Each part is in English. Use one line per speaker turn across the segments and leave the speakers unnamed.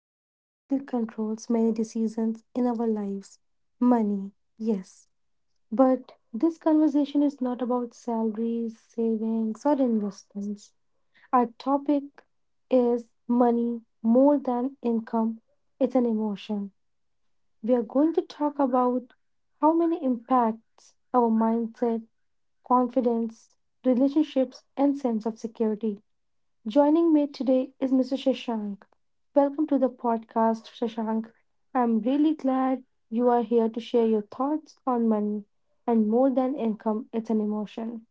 that silently controls many decisions in our lives money. Yes, but this conversation is not about salaries, savings, or investments. Our topic is money more than income, it's an emotion. We are going to talk about how money impacts our mindset, confidence, relationships, and sense of security. Joining me today is Mr. Shashank. Welcome to the podcast, Shashank. I'm really glad you are here to share your thoughts on money and more than income, it's an emotion.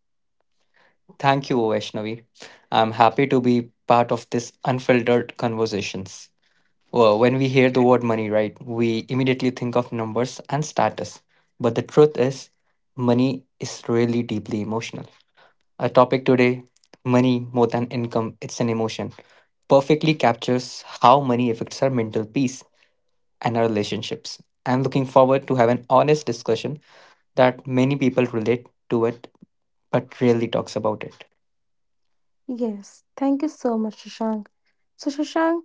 Thank you, Vaishnavi. I'm happy to be part of this unfiltered conversations. Well, when we hear the word money, right, we immediately think of numbers and status. But the truth is, money is really deeply emotional. Our topic today, money more than income, it's an emotion, perfectly captures how money affects our mental peace and our relationships. I'm looking forward to have an honest discussion that many people relate to it but rarely talks about it.
Yes, thank you so much, Shashank. So, Shashank,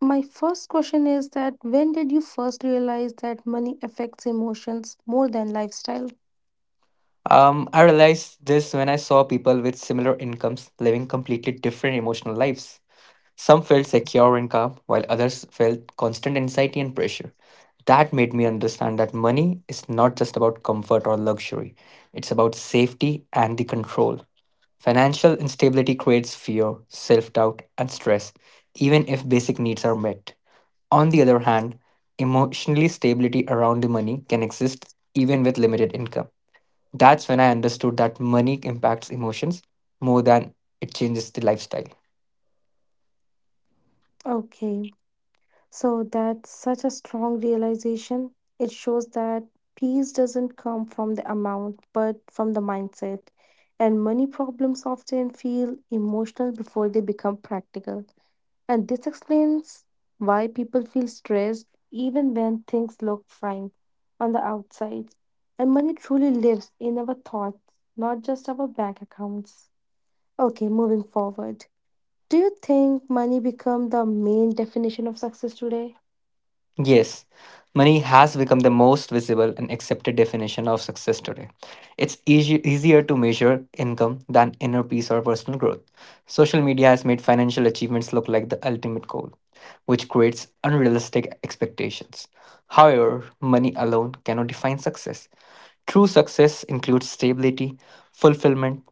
my first question is that when did you first realize that money affects emotions more than lifestyle?
I realized this when I saw people with similar incomes living completely different emotional lives. Some felt secure and calm, while others felt constant anxiety and pressure. That made me understand that money is not just about comfort or luxury, it's about safety and the control. Financial instability creates fear, self doubt, and stress, even if basic needs are met. On the other hand, emotionally stability around the money can exist even with limited income that's when I understood that money impacts emotions more than it changes the lifestyle.
Okay, so that's such a strong realization. It shows that peace doesn't come from the amount, but from the mindset. And money problems often feel emotional before they become practical. And this explains why people feel stressed even when things look fine on the outside. And money truly lives in our thoughts, not just our bank accounts. Okay, moving forward. Do you think money become the main definition of success today?
Yes, money has become the most visible and accepted definition of success today. It's easy, easier to measure income than inner peace or personal growth. Social media has made financial achievements look like the ultimate goal, which creates unrealistic expectations. However, money alone cannot define success. True success includes stability, fulfillment,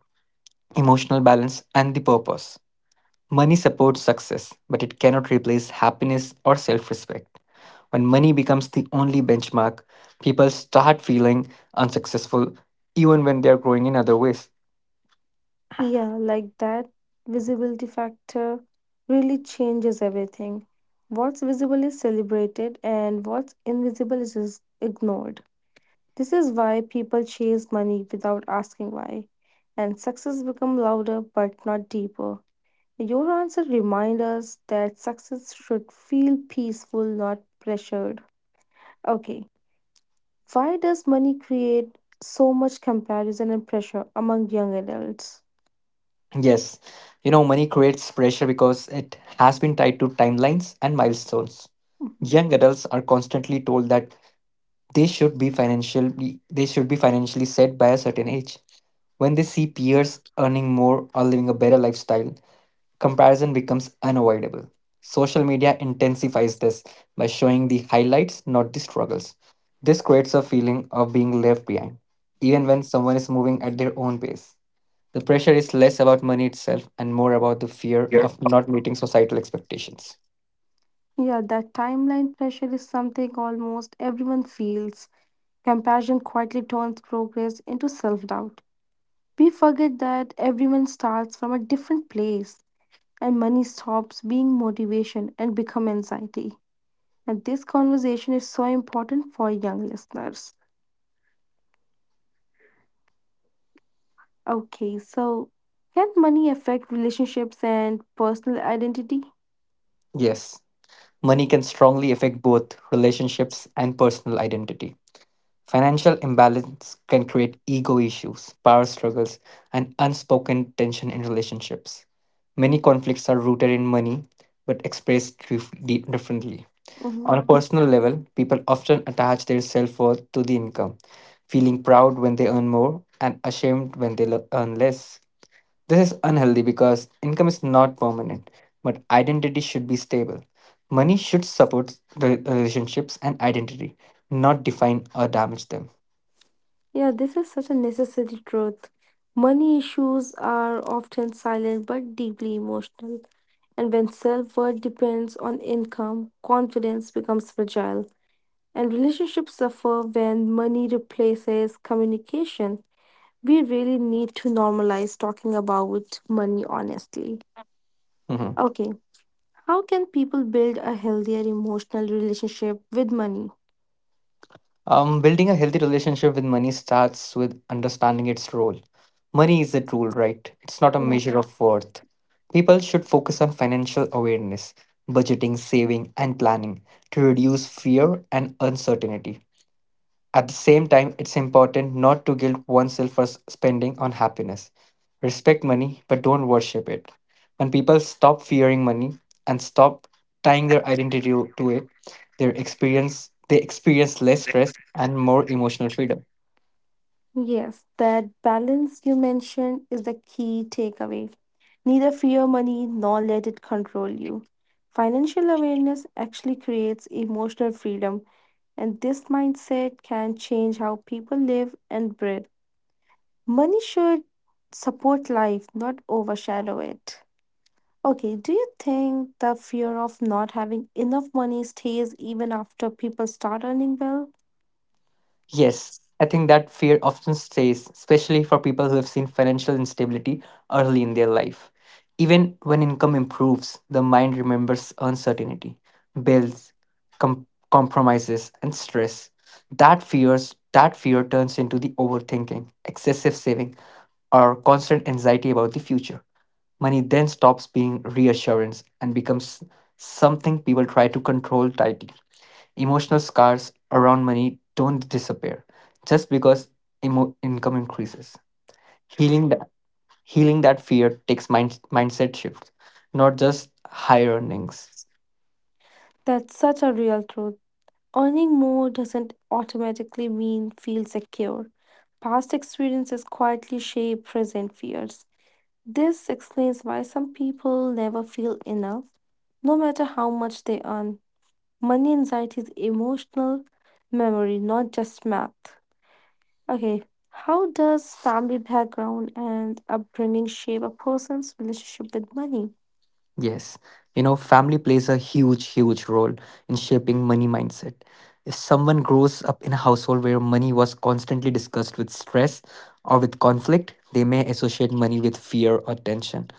emotional balance, and the purpose. Money supports success, but it cannot replace happiness or self respect. When money becomes the only benchmark, people start feeling unsuccessful even when they are growing in other ways.
Yeah, like that visibility factor really changes everything. What's visible is celebrated and what's invisible is ignored. This is why people chase money without asking why. And success become louder but not deeper. Your answer reminds us that success should feel peaceful, not pressured. Okay, why does money create so much comparison and pressure among young adults?
Yes, you know, money creates pressure because it has been tied to timelines and milestones.
Mhm.
Young adults are constantly told that they should be financially set by a certain age. When they see peers earning more or living a better lifestyle, comparison becomes unavoidable. Social media intensifies this by showing the highlights, not the struggles. This creates a feeling of being left behind, even when someone is moving at their own pace. The pressure is less about money itself and more about the fear of not meeting societal expectations.
Yeah, that timeline pressure is something almost everyone feels. Comparison quietly turns progress into self doubt. We forget that everyone starts from a different place and money stops being motivation and become anxiety. And this conversation is so important for young listeners. Okay, so can money affect relationships and personal identity?
Yes, money can strongly affect both relationships and personal identity. Financial imbalance can create ego issues, power struggles, and unspoken tension in relationships. Many conflicts are rooted in money but expressed differently. On a personal level, people often attach their self worth to the income, feeling proud when they earn more and ashamed when they earn less. This is unhealthy because income is not permanent, but identity should be stable. Money should support the relationships and identity, not define or damage them.
Yeah, this is such a necessary truth. Money issues are often silent but deeply emotional. And when self worth depends on income, confidence becomes fragile. And relationships suffer when money replaces communication. We really need to normalize talking about money honestly.
Mhm.
Okay, how can people build a healthier emotional relationship with money?
Building a healthy relationship with money starts with understanding its role. Money is a tool, right? It's not a measure of worth. People should focus on financial awareness, budgeting, saving, and planning to reduce fear and uncertainty. At the same time, it's important not to guilt oneself for spending on happiness. Respect money, but don't worship it. When people stop fearing money and stop tying their identity to it, their experience they experience less stress and more emotional freedom.
Yes, that balance you mentioned is the key takeaway. Neither fear money nor let it control you. Financial awareness actually creates emotional freedom, and this mindset can change how people live and breathe. Money should support life, not overshadow it. Okay, do you think the fear of not having enough money stays even after people start earning well?
Yes, I think that fear often stays, especially for people who have seen financial instability early in their life. Even when income improves, the mind remembers uncertainty, bills, compromises, and stress. That fear turns into the overthinking, excessive saving, or constant anxiety about the future. Money then stops being reassurance and becomes something people try to control tightly. Emotional scars around money don't disappear just because income increases. Healing that healing that fear takes mindset shifts, not just higher earnings.
That's such a real truth. Earning more doesn't automatically mean feel secure. Past experiences quietly shape present fears. This explains why some people never feel enough, no matter how much they earn. Money anxiety is emotional memory, not just math. Okay, how does family background and upbringing shape a person's relationship with money?
Yes, you know, family plays a huge, huge role in shaping money mindset. If someone grows up in a household where money was constantly discussed with stress or with conflict, they may associate money with fear or tension.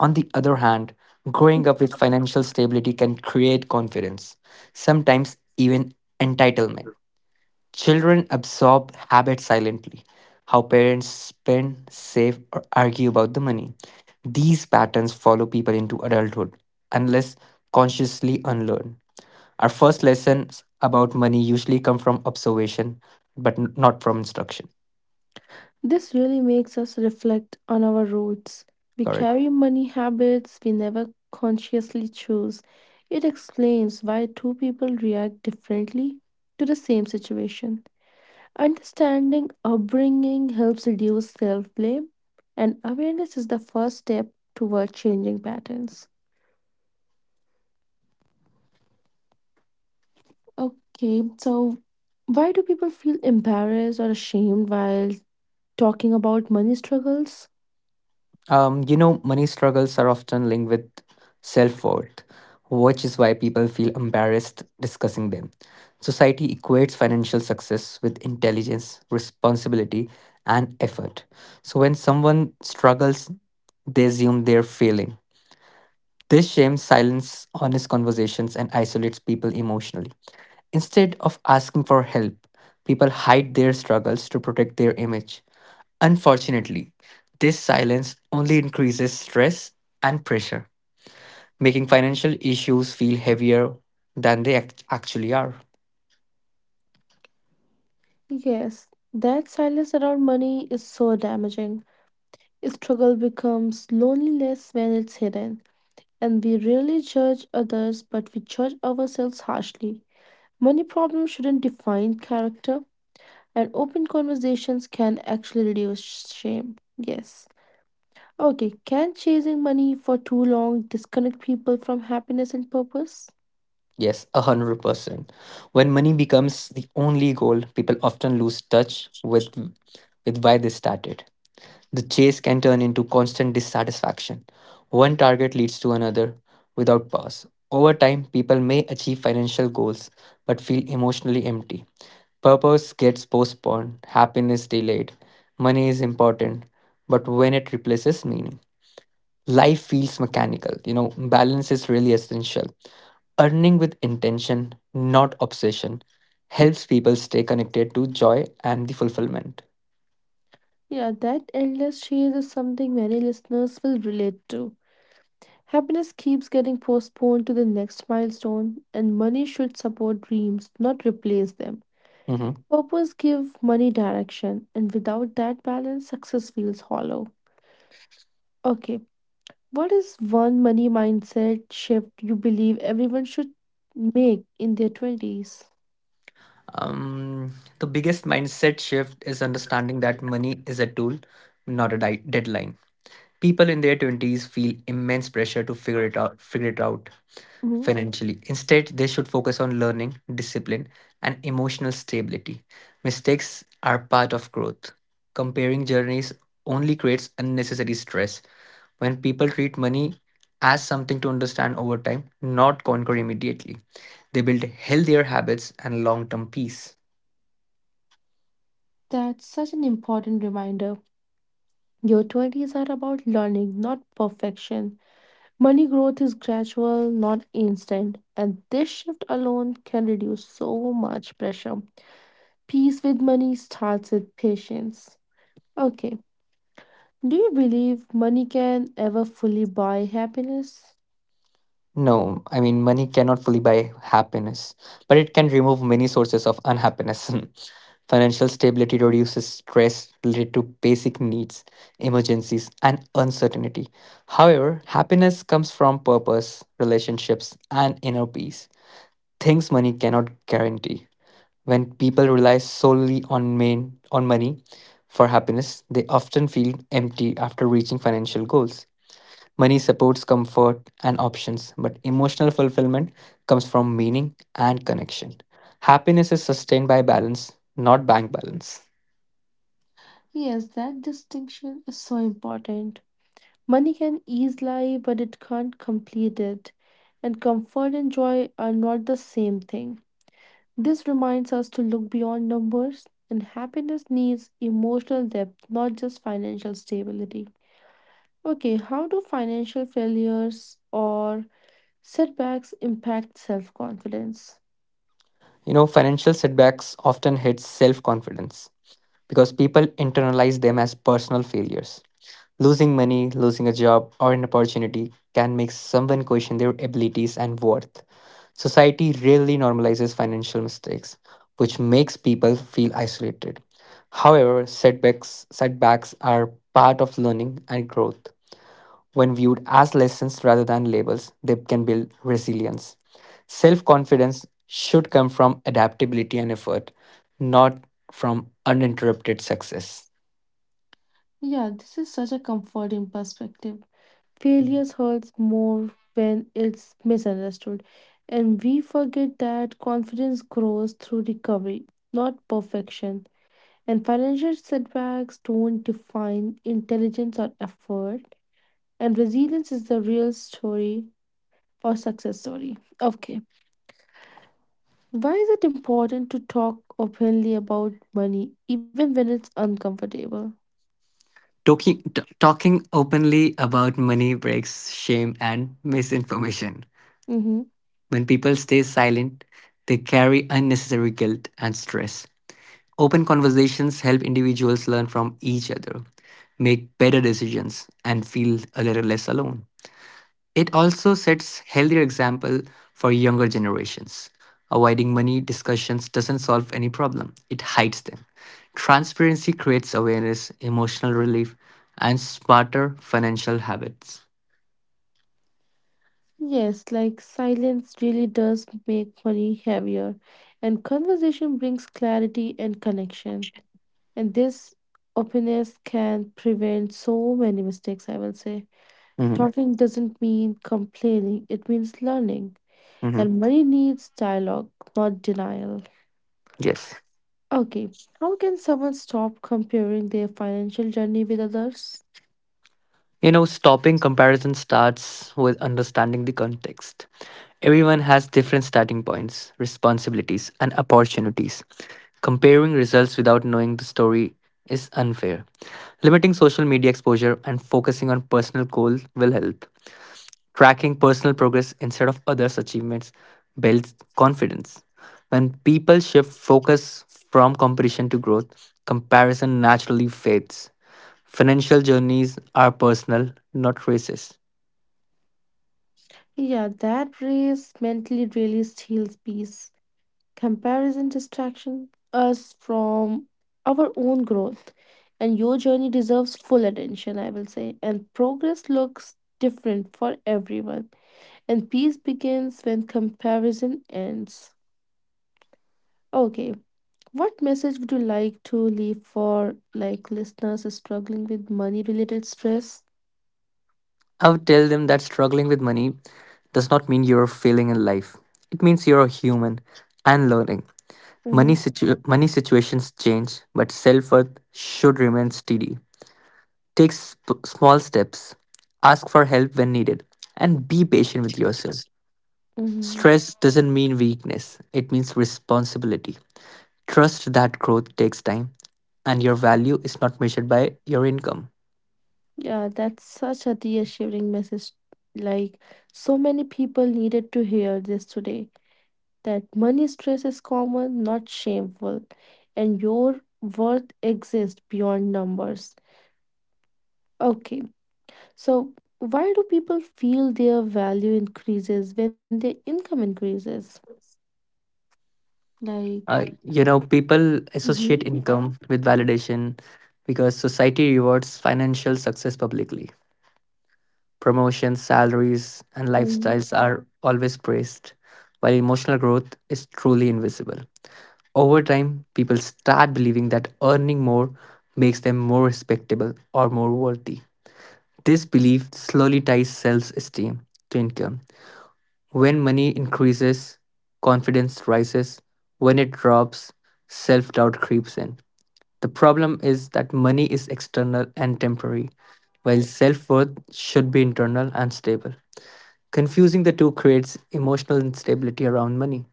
On the other hand, growing up with financial stability can create confidence, sometimes even entitlement. Children absorb habits silently. How parents spend, save, or argue about the money. These patterns follow people into adulthood unless consciously unlearned. Our first lessons about money usually come from observation, but not from instruction.
This really makes us reflect on our roots. We
Correct.
carry money habits we never consciously choose. It explains why two people react differently to the same situation. Understanding upbringing helps reduce self blame, and awareness is the first step toward changing patterns. Okay, so why do people feel embarrassed or ashamed while talking about money struggles?
You know, money struggles are often linked with self worth, which is why people feel embarrassed discussing them. Society equates financial success with intelligence, responsibility, and effort. So when someone struggles, they assume they're failing. This shame silences honest conversations and isolates people emotionally. Instead of asking for help, people hide their struggles to protect their image. Unfortunately, this silence only increases stress and pressure, making financial issues feel heavier than they actually are.
Yes, that silence around money is so damaging. Struggle becomes loneliness when it's hidden, and we rarely judge others, but we judge ourselves harshly. Money problems shouldn't define character, and open conversations can actually reduce shame. Yes. Okay, can chasing money for too long disconnect people from happiness and purpose?
Yes, 100%. When money becomes the only goal, people often lose touch with why they started. The chase can turn into constant dissatisfaction. One target leads to another without pause. Over time, people may achieve financial goals but feel emotionally empty. Purpose gets postponed, happiness delayed. Money is important, but when it replaces meaning, life feels mechanical. You know, balance is really essential. Earning with intention, not obsession, helps people stay connected to joy and the fulfillment.
Yeah, that endless chase is something many listeners will relate to. Happiness keeps getting postponed to the next milestone, and money should support dreams, not replace them.
Mhm.
Purpose give money direction, and without that balance, success feels hollow. Okay, what is one money mindset shift you believe everyone should make in their 20s?
Um, the biggest mindset shift is understanding that money is a tool, not a deadline. People in their 20s feel immense pressure to figure it out
Mhm.
financially. Instead, they should focus on learning, discipline, and emotional stability. Mistakes are part of growth. Comparing journeys only creates unnecessary stress. When people treat money as something to understand over time, not conquer immediately, they build healthier habits and long term peace.
That's such an important reminder. Your 20s are about learning, not perfection. Money growth is gradual, not instant, and this shift alone can reduce so much pressure. Peace with money starts with patience. Okay, do you believe money can ever fully buy happiness?
No, I mean, money cannot fully buy happiness, but it can remove many sources of unhappiness. Financial stability reduces stress related to basic needs, emergencies, and uncertainty. However, happiness comes from purpose, relationships, and inner peace, things money cannot guarantee. When people rely solely on main on money for happiness, they often feel empty after reaching financial goals. Money supports comfort and options, but emotional fulfillment comes from meaning and connection. Happiness is sustained by balance, not bank balance.
Yes, that distinction is so important. Money can ease life, but it can't complete it. And comfort and joy are not the same thing. This reminds us to look beyond numbers, and happiness needs emotional depth, not just financial stability. Okay, how do financial failures or setbacks impact self confidence?
You know, financial setbacks often hit self-confidence because people internalize them as personal failures. Losing money, losing a job or an opportunity can make someone question their abilities and worth. Society rarely normalizes financial mistakes, which makes people feel isolated. However, setbacks are part of learning and growth. When viewed as lessons rather than labels, they can build resilience. Self confidence should come from adaptability and effort, not from uninterrupted success.
Yeah, this is such a comforting perspective. Failures hurts more when it's misunderstood, and we forget that confidence grows through recovery, not perfection. And financial setbacks don't define intelligence or effort. And resilience is the real story or success story. Okay. Why is it important to talk openly about money, even when it's uncomfortable?
Talking openly about money breaks shame and misinformation.
Mm-hmm.
When people stay silent, they carry unnecessary guilt and stress. Open conversations help individuals learn from each other, make better decisions, and feel a little less alone. It also sets healthier example for younger generations. Avoiding money discussions doesn't solve any problem, it hides them. Transparency creates awareness, emotional relief, and smarter financial habits.
Yes, like silence really does make money heavier, and conversation brings clarity and connection. And this openness can prevent so many mistakes, I will say.
Mhm,
Talking doesn't mean complaining, it means learning.
mhm.
And money needs dialogue, not denial.
Yes.
Okay, how can someone stop comparing their financial journey with others?
You know, stopping comparison starts with understanding the context. Everyone has different starting points, responsibilities, and opportunities. Comparing results without knowing the story is unfair. Limiting social media exposure and focusing on personal goals will help. Tracking personal progress instead of others' achievements builds confidence. When people shift focus from competition to growth, comparison naturally fades. Financial journeys are personal, not races.
Yeah, that race mentally really steals peace. Comparison distraction us from our own growth, and your journey deserves full attention, I will say. And progress looks different for everyone, and peace begins when comparison ends. Okay, what message would you like to leave for like listeners struggling with money related stress?
I would tell them that struggling with money does not mean you're failing in life. It means you're a human and learning.
Mm-hmm.
Money situations change, but self worth should remain steady. Take small steps, ask for help when needed, and be patient with yourself.
Mhm.
Stress doesn't mean weakness, it means responsibility. Trust that growth takes time and your value is not measured by your income.
Yeah, that's such a reassuring message. Like, so many people needed to hear this today that money stress is common, not shameful, and your worth exists beyond numbers. Okay, so why do people feel their value increases when their income increases? Like,
You know, people associate income with validation because society rewards financial success publicly. Promotions, salaries, and lifestyles
mhm.
are always praised, while emotional growth is truly invisible. Over time, people start believing that earning more makes them more respectable or more worthy. This belief slowly ties self esteem to income. When money increases, confidence rises. When it drops, self doubt creeps in. The problem is that money is external and temporary, while self worth should be internal and stable. Confusing the two creates emotional instability around money.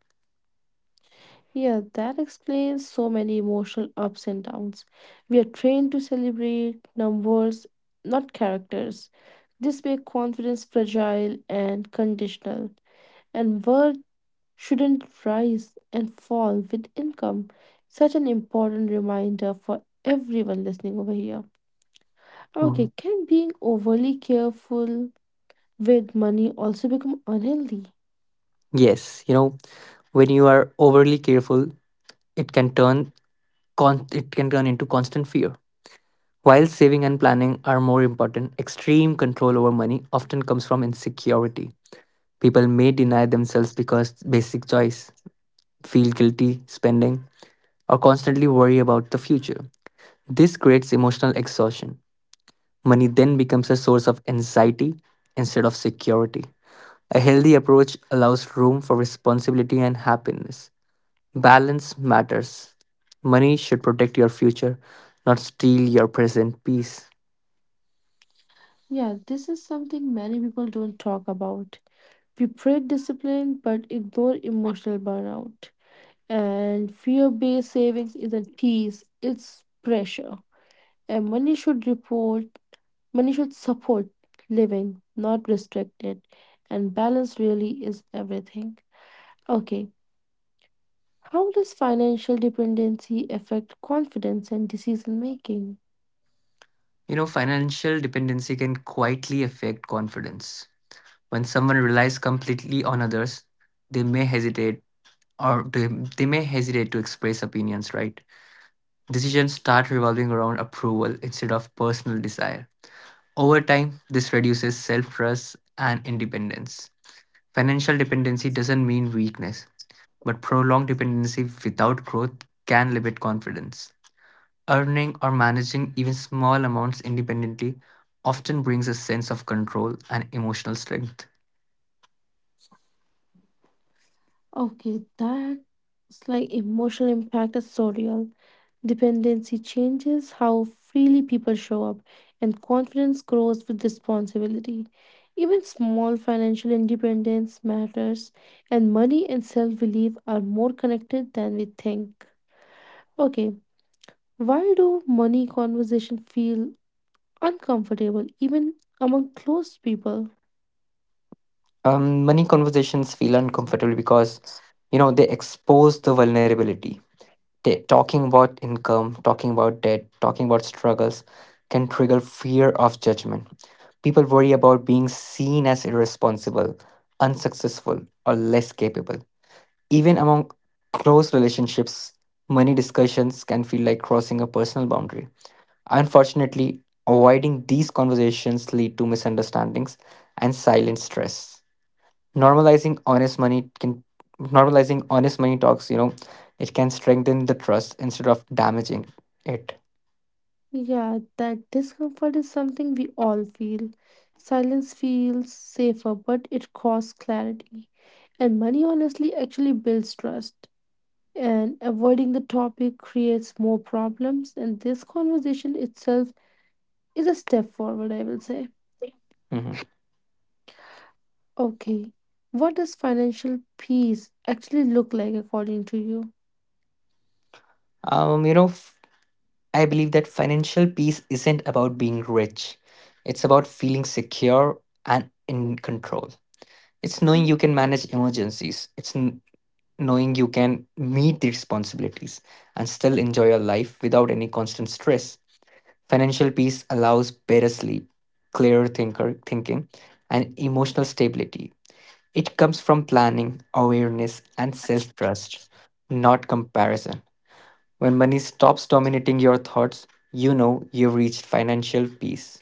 Yeah, that explains so many emotional ups and downs. We are trained to celebrate numbers, not characters. This makes confidence fragile and conditional, and worth shouldn't rise and fall with income. Such an important reminder for everyone listening over here.
Mhm.
Okay, can being overly careful with money also become unhealthy?
Yes, you know, when you are overly careful, it can turn into constant fear. While saving and planning are more important, extreme control over money often comes from insecurity. People may deny themselves because basic choice, feel guilty spending, or constantly worry about the future. This creates emotional exhaustion. Money then becomes a source of anxiety instead of security. A healthy approach allows room for responsibility and happiness. Balance matters. Money should protect your future, not steal your present peace.
Yeah, this is something many people don't talk about. We praise discipline but ignore emotional burnout. And fear based savings is a tease, it's pressure. And money should support living, not restrict it. And balance really is everything. Okay, how does financial dependency affect confidence and decision making?
You know, financial dependency can quietly affect confidence. When someone relies completely on others, they may hesitate or they, they may hesitate to express opinions, right? Decisions start revolving around approval instead of personal desire. Over time, this reduces self trust and independence. Financial dependency doesn't mean weakness, but prolonged dependency without growth can limit confidence. Earning or managing even small amounts independently often brings a sense of control and emotional strength.
Okay, that's like emotional impact is so real. Dependency changes how freely people show up, and confidence grows with responsibility. Even small financial independence matters, and money and self belief are more connected than we think. Okay, why do money conversation feel uncomfortable even among close people?
Money conversations feel uncomfortable because they expose the vulnerability. They, talking about income, talking about debt, talking about struggles can trigger fear of judgment. People worry about being seen as irresponsible, unsuccessful, or less capable. Even among close relationships, money discussions can feel like crossing a personal boundary. Unfortunately, avoiding these conversations lead to misunderstandings and silent stress. Normalizing honest money can Normalizing honest money talks, it can strengthen the trust instead of damaging it.
Yeah, that discomfort is something we all feel. Silence feels safer, but it costs clarity. And money honestly actually builds trust. And avoiding the topic creates more problems. And this conversation itself is a step forward, I will say.
Mhm.
Okay, what does financial peace actually look like according to you?
Um, you know, f- I believe that financial peace isn't about being rich. It's about feeling secure and in control. It's knowing you can manage emergencies. Knowing you can meet the responsibilities and still enjoy your life without any constant stress. Financial peace allows better sleep, clearer thinker thinking, and emotional stability. It comes from planning, awareness, and self trust, not comparison. When money stops dominating your thoughts, you know you've reached financial peace.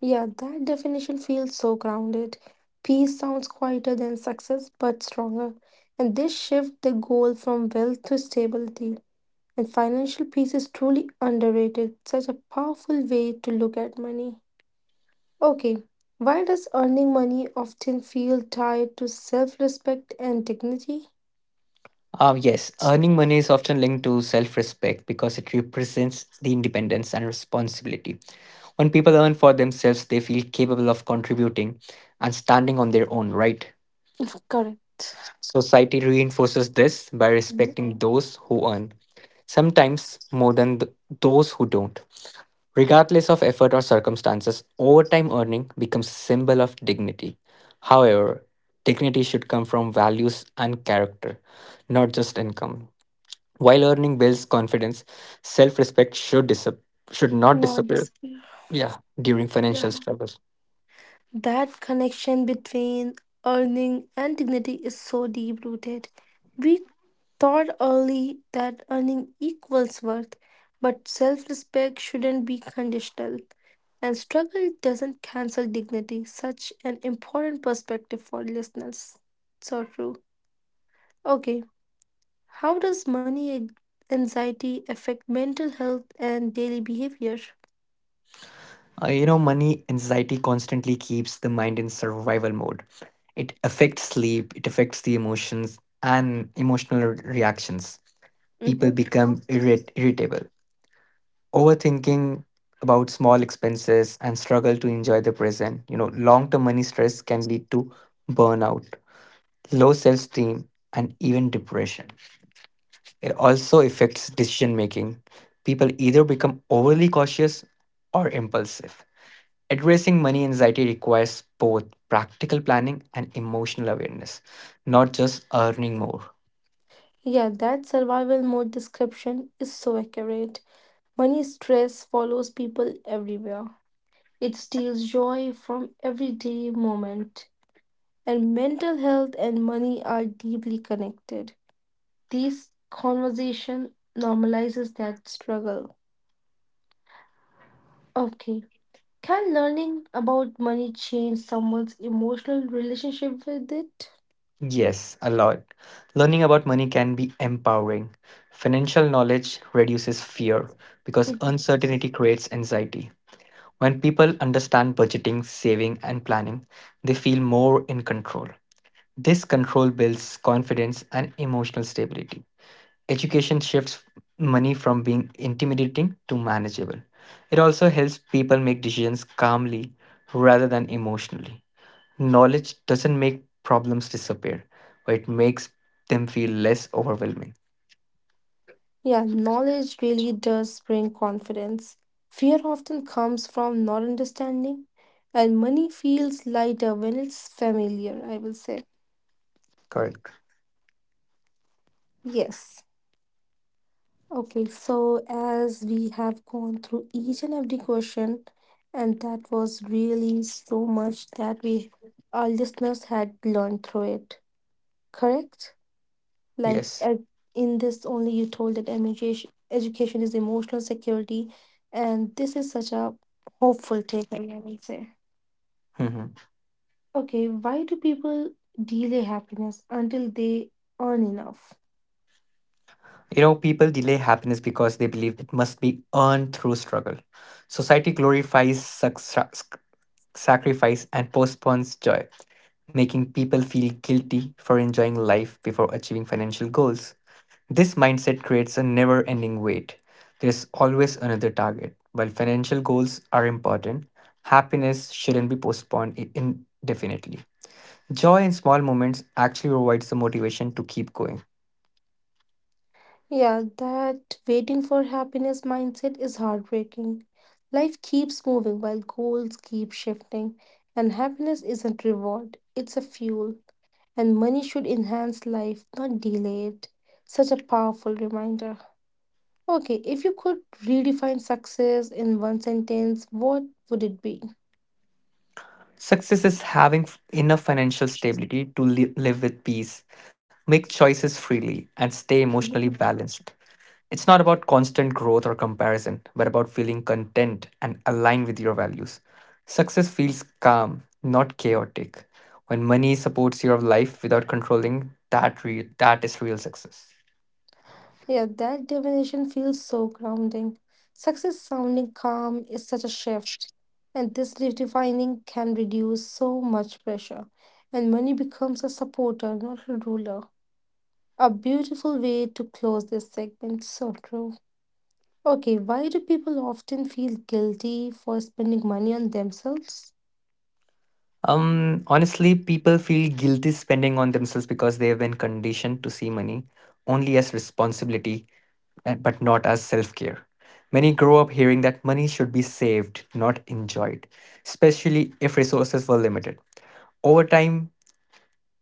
Yeah, that definition feels so grounded. Peace sounds quieter than success, but stronger. And this shift the goal from wealth to stability. And financial peace is truly underrated. Such a powerful way to look at money. Okay, why does earning money often feel tied to self respect and dignity?
Yes, earning money is often linked to self respect because it represents the independence and responsibility. When people earn for themselves, they feel capable of contributing and standing on their own, right?
Correct.
Society reinforces this by respecting those who earn, sometimes more those who don't. Regardless of effort or circumstances, overtime earning becomes a symbol of dignity. However, dignity should come from values and character, not just income. While earning builds confidence, self respect should, disap- should not
Not
disappear,
disappear.
yeah, during
Yeah.
financial struggles.
That connection between earning and dignity is so deep rooted. We thought early that earning equals worth, but self respect shouldn't be conditional. And struggle doesn't cancel dignity. Such an important perspective for listeners. So true. Okay, how does anxiety affect mental health and daily behavior?
Money anxiety constantly keeps the mind in survival mode. It affects sleep, it affects the emotions and reactions.
Hmm.
Irritable, overthinking about small expenses, and struggle to enjoy the present. You know, long term money stress can lead to burnout, low self esteem, and even depression. It also affects decision making. People either become overly cautious or impulsive. Addressing money anxiety requires both practical planning and emotional awareness, not just earning more.
Yeah, that survival mode description is so accurate. Money stress follows people everywhere. It steals joy from everyday moment. And mental health and money are deeply connected. This conversation normalizes that struggle. Okay. Can learning about money change someone's emotional relationship with it?
Yes, a lot. Learning about money can be empowering. Financial knowledge reduces fear because uncertainty creates anxiety. When people understand budgeting, saving, and planning, they feel more in control. This control builds confidence and emotional stability. Education shifts money from being intimidating to manageable. It also helps people make decisions calmly rather than emotionally. Knowledge doesn't make problems disappear, but it makes them feel less overwhelming.
Yeah, knowledge really does bring confidence. Fear often comes from not understanding, and money feels lighter when it's familiar, I will say.
Correct.
Yes. Okay, so as we have gone through each and every question, and that was really so much that we our listeners had learned through it, correct? Like
Yes.
uh, in this only you told that education is emotional security, and this is such a hopeful takeaway, I will say.
Mhm.
Okay, why do people delay happiness until they earn enough?
You know, people delay happiness because they believe it must be earned through struggle. Society glorifies success, sacrifice, and postpones joy, making people feel guilty for enjoying life before achieving financial goals. This mindset creates a never ending wait. There's always another target. While financial goals are important, happiness shouldn't be postponed I- indefinitely. Joy in small moments actually provides the motivation to keep going.
Yeah, that waiting for happiness mindset is heartbreaking. Life keeps moving while goals keep shifting, and happiness isn't reward, it's a fuel, and money should enhance life, not delay it. Such a powerful reminder. Okay, if you could redefine success in one sentence, what would it be?
Success is having f- enough financial stability live with peace, make choices freely, and stay emotionally balanced. It's not about constant growth or comparison, but about feeling content and aligned with your values. Success feels calm, not chaotic. When money supports your life without controlling, that is real success.
Yeah, that definition feels so grounding. Success sounding calm is such a shift, and this redefining can reduce so much pressure. And money becomes a supporter, not a ruler. A beautiful way to close this segment, so true. Okay, why do people often feel guilty for spending money on themselves?
Honestly, people feel guilty spending on themselves because they have been conditioned to see money only as responsibility, but not as self care. Many grow up hearing that money should be saved, not enjoyed, especially if resources were limited. Over time,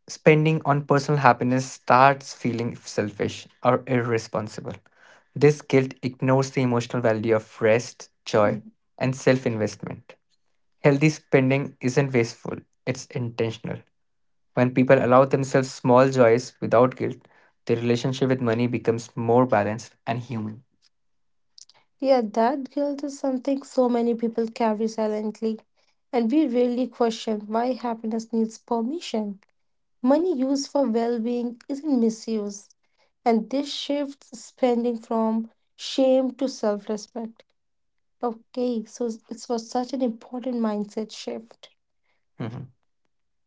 spending on personal happiness starts feeling selfish or irresponsible. This guilt ignores the emotional value of rest, joy,
Mm.
and self investment. Healthy spending isn't wasteful, it's intentional. When people allow themselves small joys without guilt, their relationship with money becomes more balanced and human.
Yeah, that guilt is something so many people carry silently, and we rarely question why happiness needs permission. Money used for well being isn't misused, and this shifts spending from shame to self respect. Okay, so it was such an important mindset shift.
Mhm.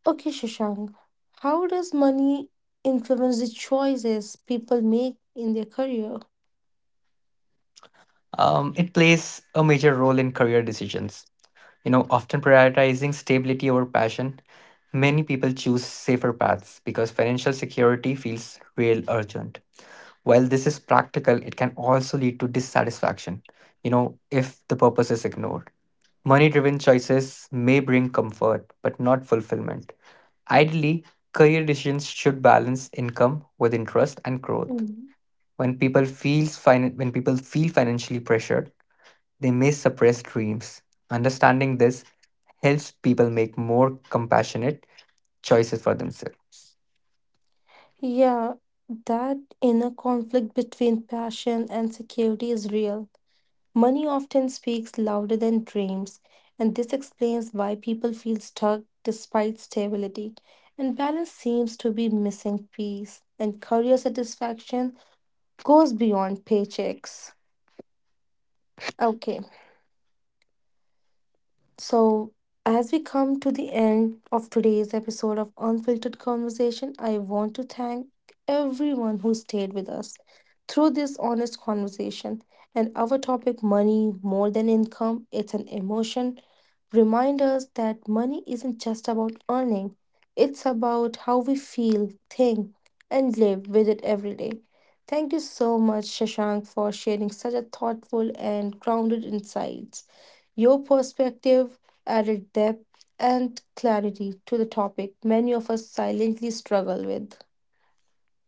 Okay, Shashank, how does money influence the choices people make in their career?
It plays a major role in career decisions. You know, often prioritizing stability over passion, many people choose safer paths because financial security feels real urgent. While this is practical, it can also lead to dissatisfaction, you know, if the purpose is ignored. Money driven choices may bring comfort, but not fulfillment. Ideally, career decisions should balance income with interest and growth.
Mhm.
When people feel financially pressured, they may suppress dreams. Understanding this helps people make more compassionate choices for themselves.
Yeah, that inner conflict between passion and security is real. Money often speaks louder than dreams, and this explains why people feel stuck despite stability. And balance seems to be missing piece, and career satisfaction goes beyond paychecks. Okay. So, as we come to the end of today's episode of Unfiltered Conversation, I want to thank everyone who stayed with us through this honest conversation. And our topic, money more than income, it's an emotion, remind us that money isn't just about earning, it's about how we feel, think, and live with it every day. Thank you so much, Shashank, for sharing such a thoughtful and grounded insights. Your perspective added depth and clarity to the topic many of us silently struggle with.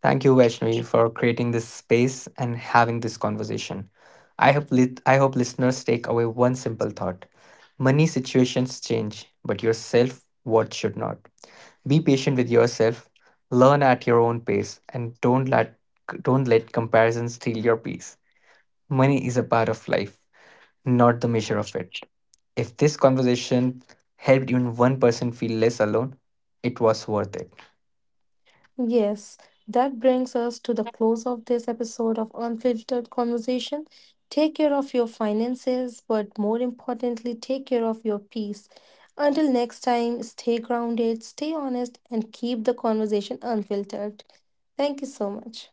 Thank you, Vaishnavi, for creating this space and having this conversation. I hope listeners take away one simple thought: money situations change, but your self worth should not. Be patient with yourself, learn at your own pace, and don't let comparison steal your peace. Money is a part of life, not the measure of it. If this conversation helped even one person feel less alone, it was worth it.
Yes, that brings us to the close of this episode of Unfiltered Conversation. Take care of your finances, but more importantly, take care of your peace. Until next time, stay grounded, stay honest, and keep the conversation unfiltered. Thank you so much.